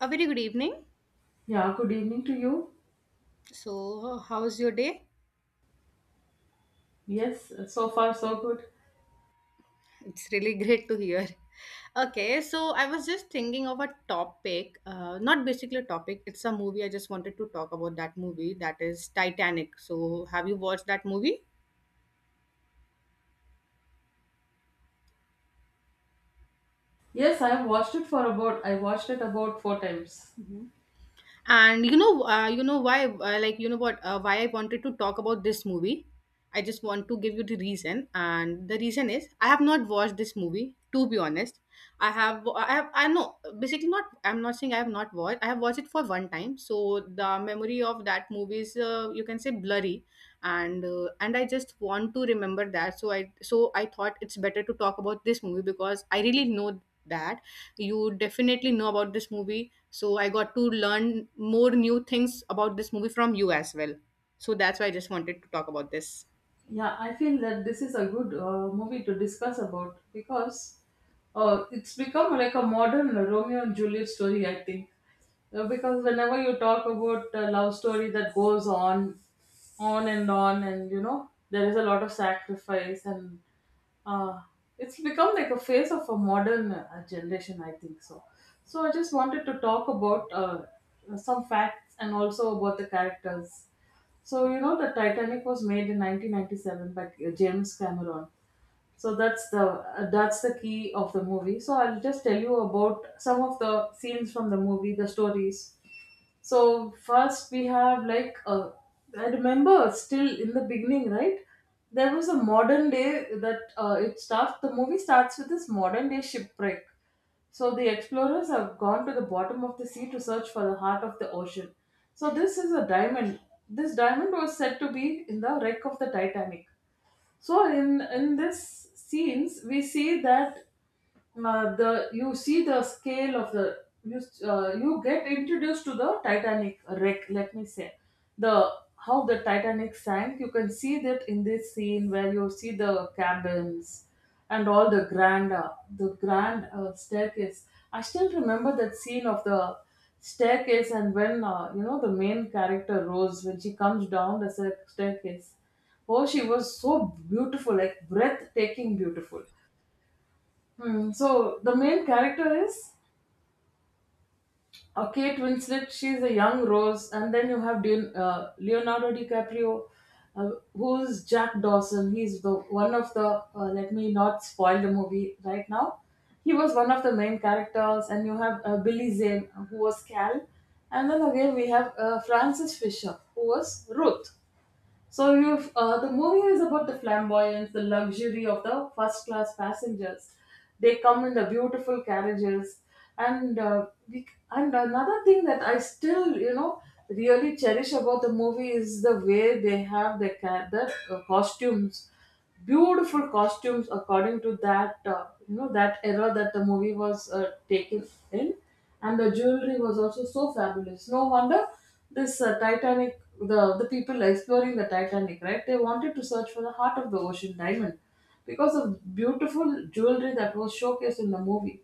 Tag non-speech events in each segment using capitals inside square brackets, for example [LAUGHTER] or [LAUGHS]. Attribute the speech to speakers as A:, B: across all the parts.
A: A very good evening.
B: Yeah, good evening to you.
A: So, how's your day?
B: Yes, so far so good.
A: It's really [LAUGHS] great to hear. Okay, so I was just thinking of a topic, not basically a topic, it's a movie. I just wanted to talk about that movie that is Titanic. So, have you watched that movie?
B: Yes, I have watched it for about I watched it about four times.
A: Hmm. And you know why like you know what why I wanted to talk about this movie. I just want to give you the reason and the reason is I have not watched this movie, to be honest. I have I have I know basically not I'm not saying I have not watched I have watched it for one time, so the memory of that movie is you can say blurry, and I just want to remember that, so I thought it's better to talk about this movie because I really know that you definitely know about this movie, so I got to learn more new things about this movie from you as well. So that's why I just wanted to talk about this.
B: Yeah, I feel that this is a good movie to discuss about because it's become like a modern Romeo and Juliet story, I think. Because whenever you talk about a love story that goes on, and you know, there is a lot of sacrifice, and uh, it's become like a phase of a modern generation, I think so. So I just wanted to talk about some facts and also about the characters. So you know the Titanic was made in 1997 by James Cameron. So that's the key of the movie. So I'll just tell you about some of the scenes from the movie, the stories. So first we have I remember still in the beginning, right? There was a modern day that it starts. The movie starts with this modern day shipwreck. So the explorers have gone to the bottom of the sea to search for the heart of the ocean. So this is a diamond. This diamond was said to be in the wreck of the Titanic. So in this scenes we see that the you see the scale of the you you get introduced to the Titanic wreck. Let me say the how the Titanic sank. You can see that in this scene where you see the cabins and all the grand staircase. I still remember that scene of the staircase and when you know the main character Rose when she comes down the staircase. Oh, she was so beautiful, like breathtaking beautiful. Hmm. So the main character is Kate Winslet. She's a young Rose, and then you have Deon, Leonardo DiCaprio, uh, who's Jack Dawson. He's the one of the. Let me not spoil the movie right now. He was one of the main characters, and you have Billy Zane, who was Cal, and then again we have Francis Fisher, who was Ruth. So you've, the movie is about the flamboyance, the luxury of the first class passengers. They come in the beautiful carriages, and and another thing that I still, you know, really cherish about the movie is the way they have the costumes, beautiful costumes according to that, you know, that era that the movie was taken in. And the jewelry was also so fabulous. No wonder this Titanic, the people exploring the Titanic, right, they wanted to search for the heart of the ocean diamond because of beautiful jewelry that was showcased in the movie.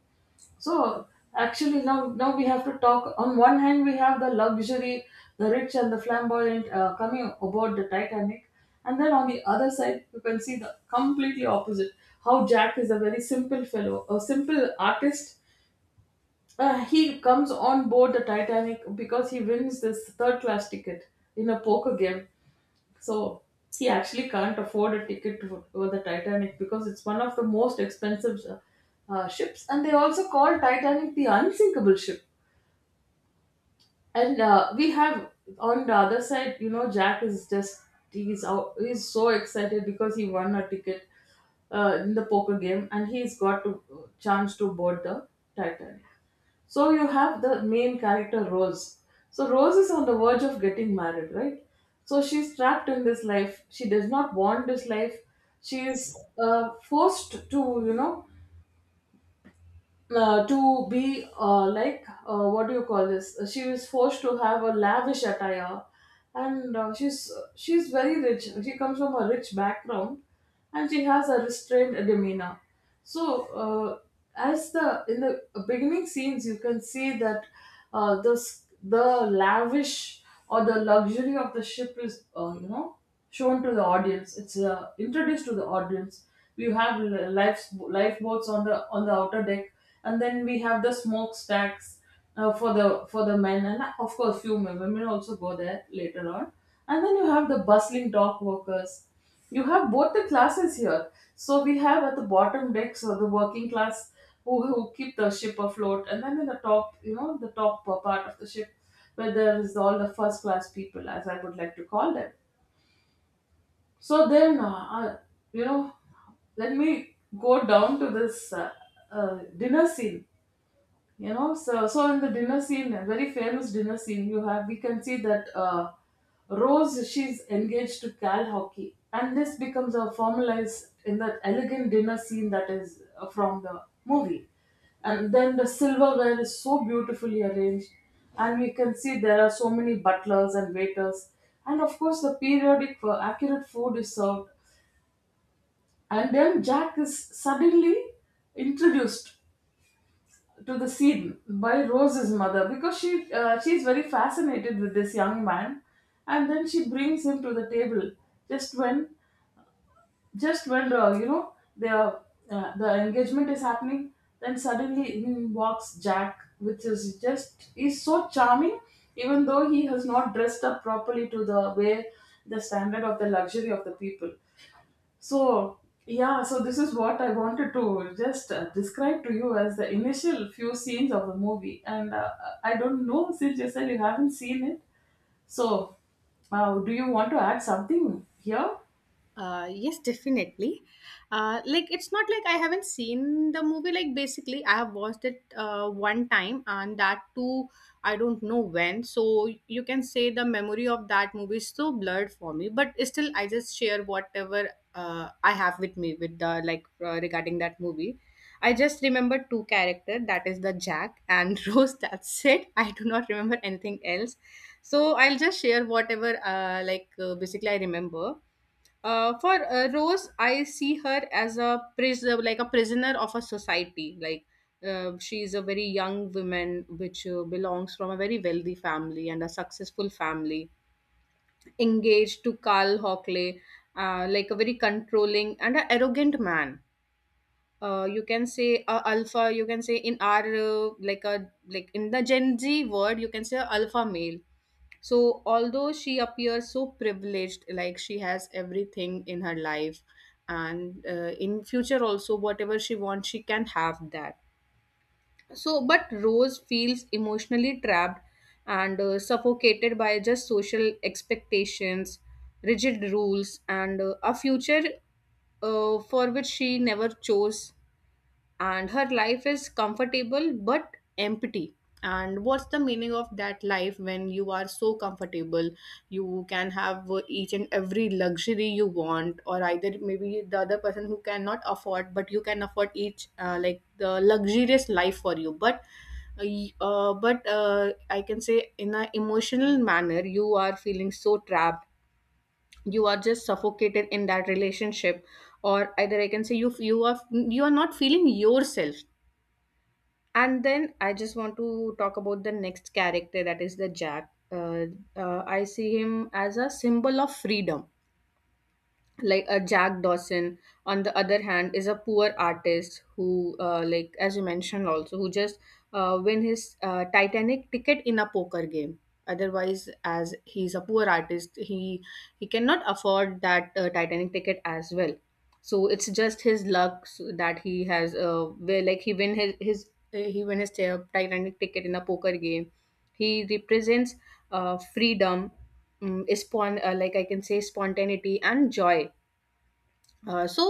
B: So actually, now we have to talk. On one hand, we have the luxury, the rich and the flamboyant coming aboard the Titanic, and then on the other side, you can see the completely opposite. How Jack is a very simple fellow, a simple artist. He comes on board the Titanic because he wins this third class ticket in a poker game, so he actually can't afford a ticket to the Titanic because it's one of the most expensive ships, and they also call Titanic the unsinkable ship. And we have on the other side, you know, Jack is just he's out, he's so excited because he won a ticket in the poker game and he's got a chance to board the Titanic. So you have the main character Rose. So Rose is on the verge of getting married, right? So she's trapped in this life. She does not want this life. She is forced to, you know, to be what do you call this? She is forced to have a lavish attire, and she's very rich. She comes from a rich background and she has a restrained demeanor. So uh, as the in the beginning scenes you can see that the lavish or the luxury of the ship is, you know, shown to the audience. It's introduced to the audience. You have life, lifeboats on the outer deck, and then we have the smokestacks for the men, and of course few women also go there later on. And then you have the bustling dock workers. You have both the classes here, so we have at the bottom deck, so the working class who keep the ship afloat, and then in the top, you know, the top part of the ship where there is all the first class people, as I would like to call them. So then you know, let me go down to this dinner scene. You know, so in the dinner scene, a very famous dinner scene, you have we can see that Rose she's engaged to Cal Hockey, and this becomes a formalized in that elegant dinner scene that is from the movie, and then the silverware is so beautifully arranged, and we can see there are so many butlers and waiters, and of course the periodic accurate food is served, and then Jack is suddenly introduced to the scene by Rose's mother because she's very fascinated with this young man, and then she brings him to the table just when just when you know the engagement is happening. Then suddenly in walks Jack, which is just he's so charming, even though he has not dressed up properly to the way the standard of the luxury of the people. So, yeah, so this is what I wanted to just describe to you as the initial few scenes of the movie. And I don't know, since you said you haven't seen it. So, do you want to add something here?
A: Yes, definitely. Like, it's not like I haven't seen the movie. Like basically, I have watched it one time, and that too, I don't know when. So you can say the memory of that movie is so blurred for me. But still, I just share whatever I have with me with the regarding that movie. I just remember two character, that is the Jack and [LAUGHS] Rose. That's it. I do not remember anything else. So I'll just share whatever basically I remember. For Rose, I see her as a pris like a prisoner of a society. Like, she is a very young woman, which belongs from a very wealthy family and a successful family, engaged to Carl Hockley, like a very controlling and an arrogant man. You can say a alpha. You can say in our like in the Gen Z word, you can say a alpha male. So, although she appears so privileged, like she has everything in her life, and in future also, whatever she wants, she can have that. So, but Rose feels emotionally trapped and suffocated by just social expectations, rigid rules, and a future for which she never chose. And her life is comfortable but empty, and what's the meaning of that life when you are so comfortable? You can have each and every luxury you want, or either maybe the other person who cannot afford, but you can afford each the luxurious life for you, but I can say, in an emotional manner, you are feeling so trapped, you are just suffocated in that relationship, or either I can say you are not feeling yourself. And then I just want to talk about the next character, that is the Jack. I see him as a symbol of freedom. Like, a Jack Dawson on the other hand is a poor artist who, like as you mentioned also, who just win his titanic ticket in a poker game. Otherwise, as he's a poor artist, he cannot afford that titanic ticket as well. So it's just his luck, so that he has where like he win his titanic ticket in a poker game. He represents freedom, like I can say spontaneity and joy. uh, so,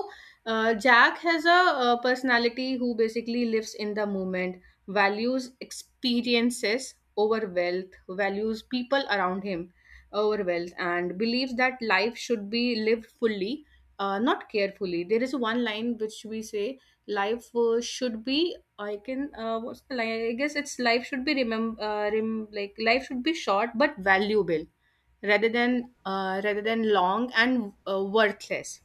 A: Jack has a personality who basically lives in the moment, values experiences over wealth, values people around him over wealth, and believes that life should be lived fully, not carefully. There is one line which we say life should be. I can. What's the line? I guess it's life should be remember. Like, life should be short but valuable, rather than long and worthless.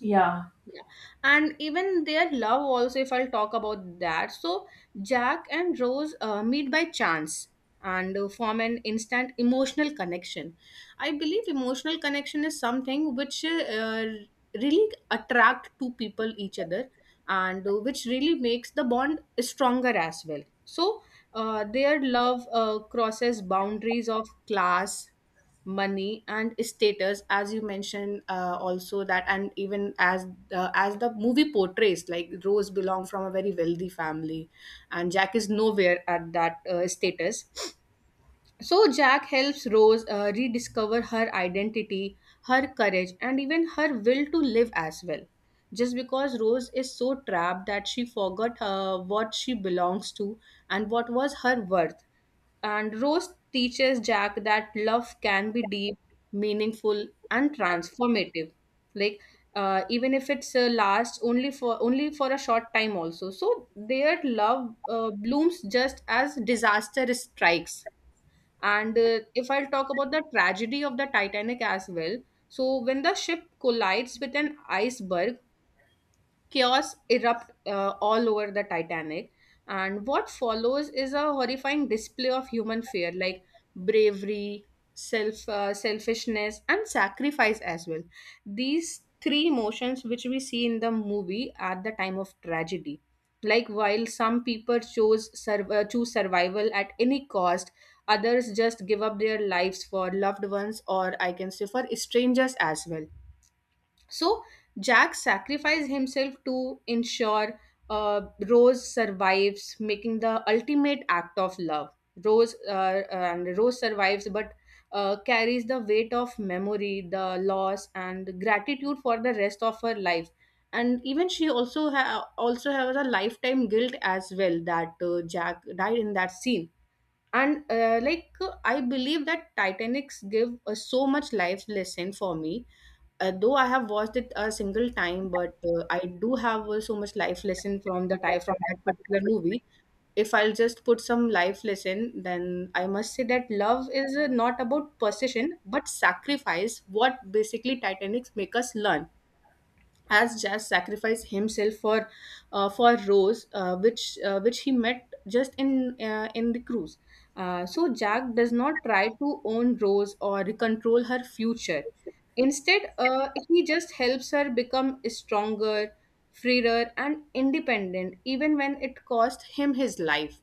B: Yeah.
A: Yeah. And even their love also, if I'll talk about that. So Jack and Rose meet by chance and form an instant emotional connection. I believe emotional connection is something which really attract two people each other, and which really makes the bond stronger as well. So their love crosses boundaries of class, money and status, as you mentioned also that. And even as the movie portrays, like Rose belong from a very wealthy family and Jack is nowhere at that status. So Jack helps Rose rediscover her identity, her courage, and even her will to live as well. Just because Rose is so trapped that she forgot what she belongs to and what was her worth. And Rose teaches Jack that love can be deep, meaningful, and transformative. Like, even if it's lasts only for a short time, also. So their love blooms just as disaster strikes. And if I'll talk about the tragedy of the Titanic as well, so when the ship collides with an iceberg, chaos erupt all over the Titanic. And what follows is a horrifying display of human fear, like bravery, selfishness, and sacrifice as well. These three emotions which we see in the movie at the time of tragedy, like, while some people choose survival at any cost, others just give up their lives for loved ones, or I can say for strangers as well. So Jack sacrificed himself to ensure uh, Rose survives, making the ultimate act of love. Rose survives, but carries the weight of memory, the loss, and gratitude for the rest of her life. And even she also has a lifetime guilt as well, that Jack died in that scene. And I believe that Titanics give so much life lesson for me. Though I have watched it a single time, but I do have so much life lesson from the time, from that particular movie. If I'll just put some life lesson, then I must say that love is not about possession but sacrifice, what basically Titanics make us learn, as Jazz sacrificed himself for Rose, which he met just in the cruise. So Jack does not try to own Rose or control her future. Instead, he just helps her become stronger, freer, and independent, even when it cost him his life.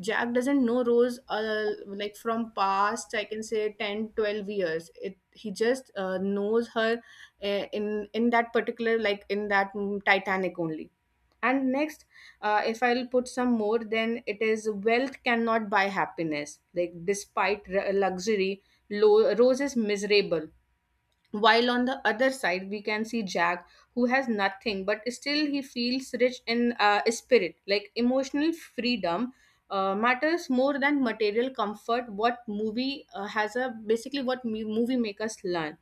A: Jack doesn't know Rose, like from past I can say 10-12 years, it he just knows her in that particular, like in that Titanic only. And next, if I'll put some more, then it is wealth cannot buy happiness. Like, luxury, Rose is miserable, while on the other side we can see Jack, who has nothing but still he feels rich in spirit, like emotional freedom matters more than material comfort, what movie has a basically what mu- movie make us learn.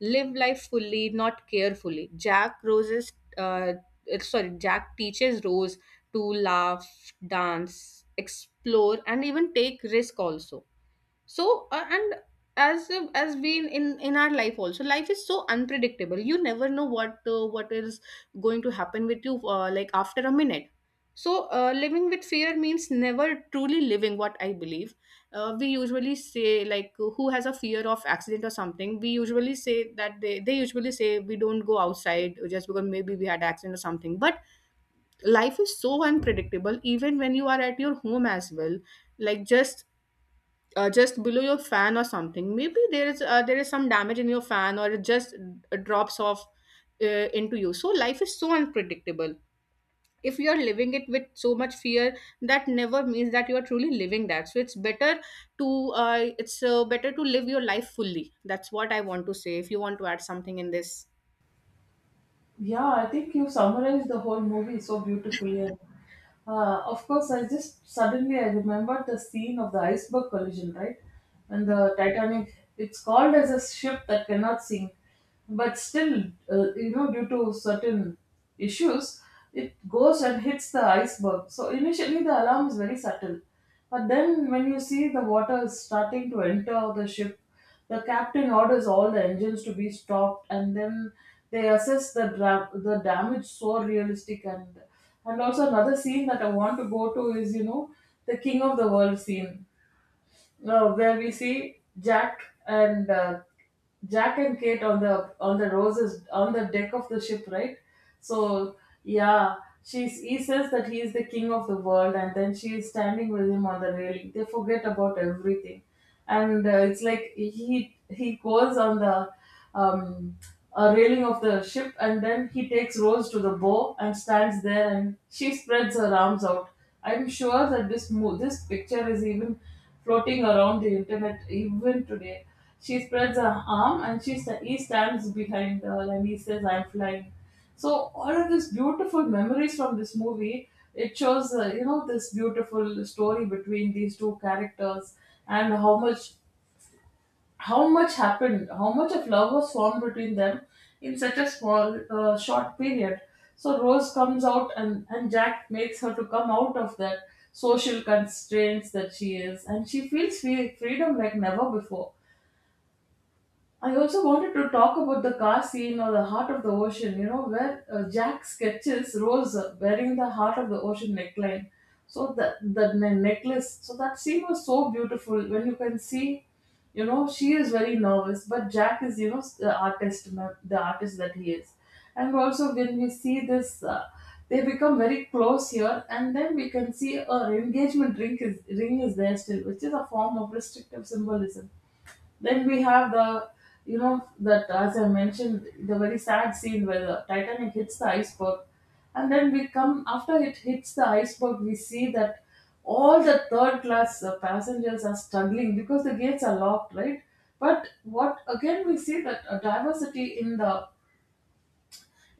A: Live life fully, not carefully. Uh, Jack teaches Rose to laugh, dance, explore, and even take risk also. So and as we in our life also, life is so unpredictable, you never know what is going to happen with you, like after a minute. So living with fear means never truly living, what I believe. We usually say, like, who has a fear of accident or something, we usually say that they usually say we don't go outside just because maybe we had accident or something. But life is so unpredictable even when you are at your home as well. Like, just below your fan or something, maybe there is some damage in your fan, or it just drops off into you. So life is so unpredictable. If you are living it with so much fear, that never means that you are truly living that. So it's better to live your life fully. That's what I want to say. If you want to add something in this.
B: Yeah, I think you summarized the whole movie so beautifully. And, of course, I just suddenly I remembered the scene of the iceberg collision, right? And
A: Hmm.
B: the Titanic, it's called as a ship that cannot sink, but still, you know, due to certain issues, it goes and hits the iceberg. So initially, the alarm is very subtle, but then when you see the water is starting to enter the ship, the captain orders all the engines to be stopped, and then they assess the the damage, so realistic. And also another scene that I want to go to is, you know, the King of the World scene where we see Jack and Kate on the roses on the deck of the ship, right? So yeah, she's he says that he is the king of the world, and then she is standing with him on the railing. They forget about everything, and it's like he goes on the um, railing of the ship, and then he takes Rose to the bow and stands there and she spreads her arms out. I'm sure that this this picture is even floating around the internet even today. She spreads her arm and he stands behind her and he says, "I'm flying." So all of these beautiful memories from this movie, it shows, you know, this beautiful story between these two characters and how much, how much happened, how much of love was formed between them in such a small short period. So Rose comes out, and Jack makes her to come out of that social constraints that she is, and she feels free, freedom like never before. I also wanted to talk about the car scene or the heart of the ocean, you know, where Jack sketches Rose wearing the heart of the ocean neckline. So the necklace, so that scene was so beautiful. When you can see, you know, she is very nervous, but Jack is, you know, the artist, the artist that he is. And also when we see this, they become very close here, and then we can see her engagement ring is there still, which is a form of restrictive symbolism. Then we have the, you know, that as I mentioned, the very sad scene where the Titanic hits the iceberg. And then we come, after it hits the iceberg, we see that all the third class passengers are struggling because the gates are locked, right? But what again we see that a diversity in the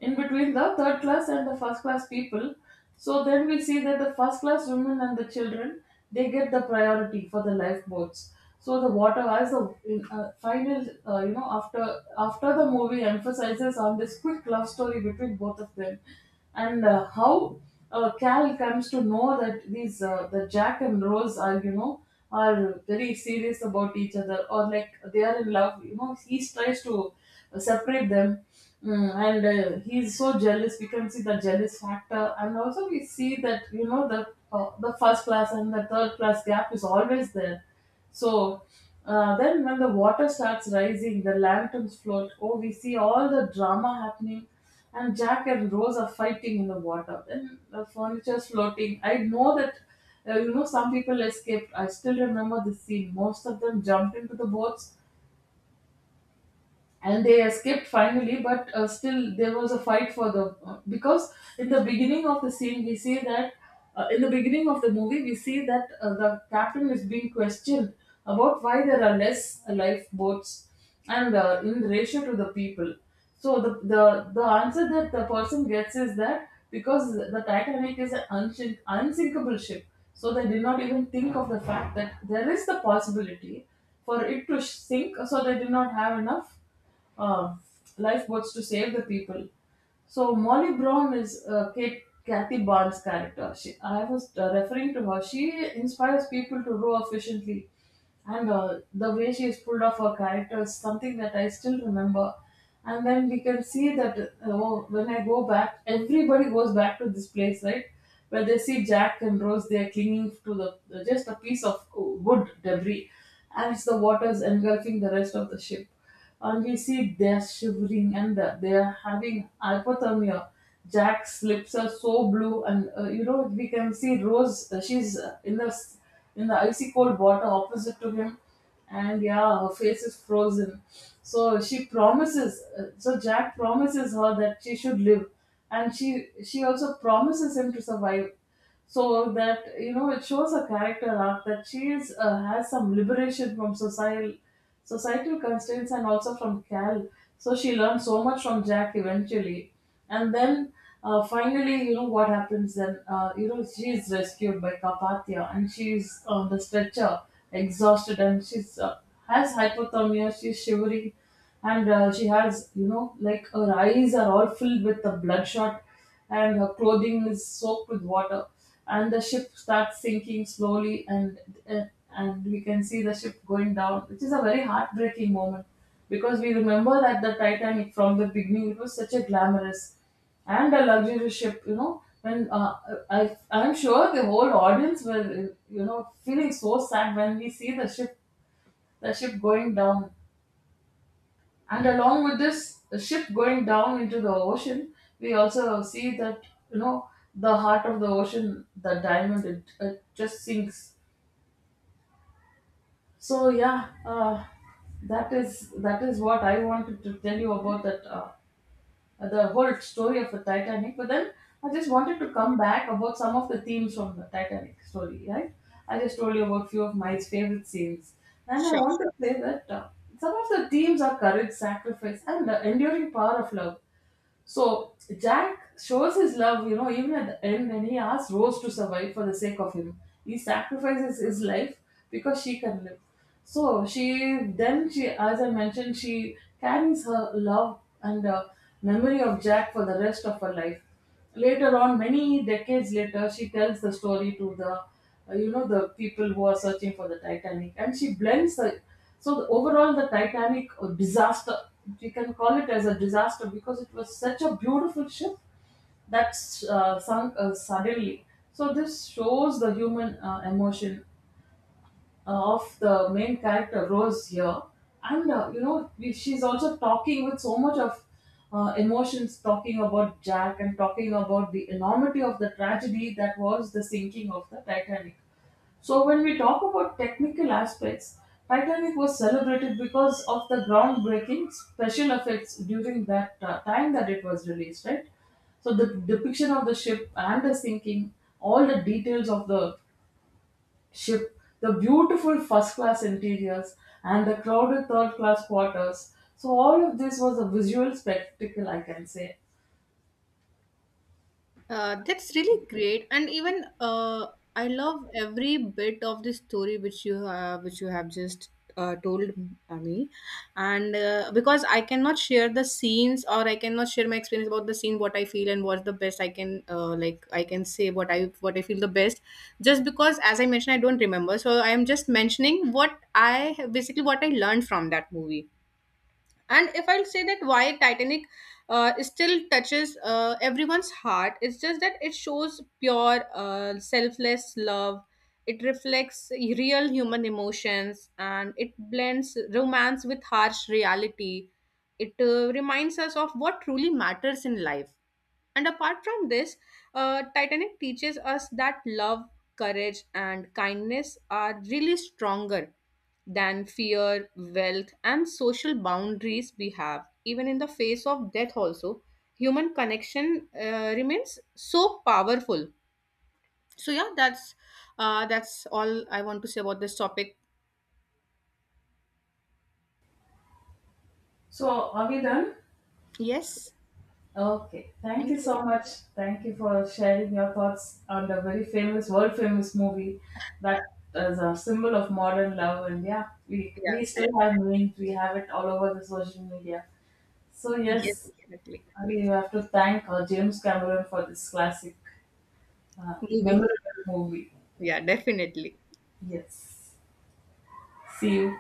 B: in between the third class and the first class people. So then we see that the first class women and the children, they get the priority for the lifeboats. So the water as the in, final, after after the movie emphasizes on this quick love story between both of them, and how Cal comes to know that these the Jack and Rose are are very serious about each other, or like they are in love. You know, he tries to separate them. And he's so jealous. We can see the jealous factor, and also we see that, you know, the first class and the third class gap is always there. So then, when the water starts rising, the lanterns float. Oh, we see all the drama happening, and Jack and Rose are fighting in the water. Then the furniture's floating. I know that some people escaped. I still remember the scene. Most of them jumped into the boats and they escaped finally, but still there was a fight for the because in the beginning of the scene we see that in the beginning of the movie we see that the captain is being questioned about why there are less lifeboats and in ratio to the people. So the answer that the person gets is that because the Titanic is an unsinkable ship, so they did not even think of the fact that there is the possibility for it to sink, so they did not have enough uh, lifeboats to save the people. So Molly Brown is Kate Kathy Barnes' character. She, I was referring to her. She inspires people to row efficiently, and the way she has pulled off her character is something that I still remember. And then we can see that oh, when I go back, everybody goes back to this place, right? Where they see Jack and Rose, they are clinging to the just a piece of wood debris, and it's the waters engulfing the rest of the ship, and you see, they're shivering and they're having hypothermia. Jack's lips are so blue, and we can see Rose. She's in in the icy cold water opposite to him, and yeah, her face is frozen. So she promises. So Jack promises her that she should live, and she also promises him to survive, so that, you know, it shows a character arc that she is has some liberation from society societal constraints and also from Cal. So she learned so much from Jack eventually. And then finally, you know what happens then? She is rescued by Carpathia, and she's on the stretcher, exhausted, and she's has hypothermia, she's shivering, and she has, like, her eyes are all filled with the bloodshot, and her clothing is soaked with water, and the ship starts sinking slowly, uh, and we can see the ship going down, which is a very heartbreaking moment, because we remember that the Titanic from the beginning, it was such a glamorous and a luxurious ship, you know when I I'm sure the whole audience were feeling so sad when we see the ship going down, and along with this, the ship going down into the ocean, we also see that, you know, the heart of the ocean, the diamond, it just sinks. So, yeah, that is what I wanted to tell you about, that the whole story of the Titanic. But then I just wanted to come back about some of the themes from the Titanic story, right? I just told you about few of my favorite scenes, and I
A: Sure.
B: want to say that some of the themes are courage, sacrifice, and the enduring power of love. So Jack shows his love, you know, even at the end when he asks Rose to survive for the sake of him. He sacrifices his life because she can live. So she then she as I mentioned, she carries her love and memory of Jack for the rest of her life. Later on, many decades later, she tells the story to the the people who are searching for the Titanic, and she blends the. So the, overall, the Titanic disaster, we can call it as a disaster because it was such a beautiful ship that sunk suddenly. So this shows the human emotion of the main character Rose here, and you know, she's also talking with so much of emotions, talking about Jack and talking about the enormity of the tragedy that was the sinking of the Titanic. So when we talk about technical aspects, Titanic was celebrated because of the groundbreaking special effects during that time that it was released, right? So the depiction of the ship and the sinking, all the details of the ship, the beautiful first class interiors, and the crowded third class quarters. So, all of this was a visual spectacle, I can say.
A: That's really great. And even I love every bit of the story which you have, just told me. And because I cannot share the scenes, or I cannot share my experience about the scene, what I feel and what's the best I can, I can say what I feel the best. Just because, as I mentioned, I don't remember, so I am just mentioning what I basically what I learned from that movie. And if I'll say that, why Titanic still touches everyone's heart? It's just that it shows pure selfless love. It reflects real human emotions, and it blends romance with harsh reality. It reminds us of what truly matters in life. And apart from this, Titanic teaches us that love, courage, and kindness are really stronger than fear, wealth, and social boundaries we have. Even in the face of death, also, human connection remains so powerful. So, yeah, that's all I want to say about this topic.
B: So, are we done?
A: Yes,
B: Okay. Thank
A: thank
B: you
A: you.
B: so much. Thank you for sharing your thoughts on the very famous, world famous movie that is a symbol of modern love. And yeah, we
A: Yeah,
B: still have memes, we have it all over the social media. So,
A: thank- yes,
B: yes,
A: definitely.
B: we have to thank James Cameron for this classic,
A: Movie.
B: memorable movie.
A: Yeah, definitely.
B: Yes. See, you.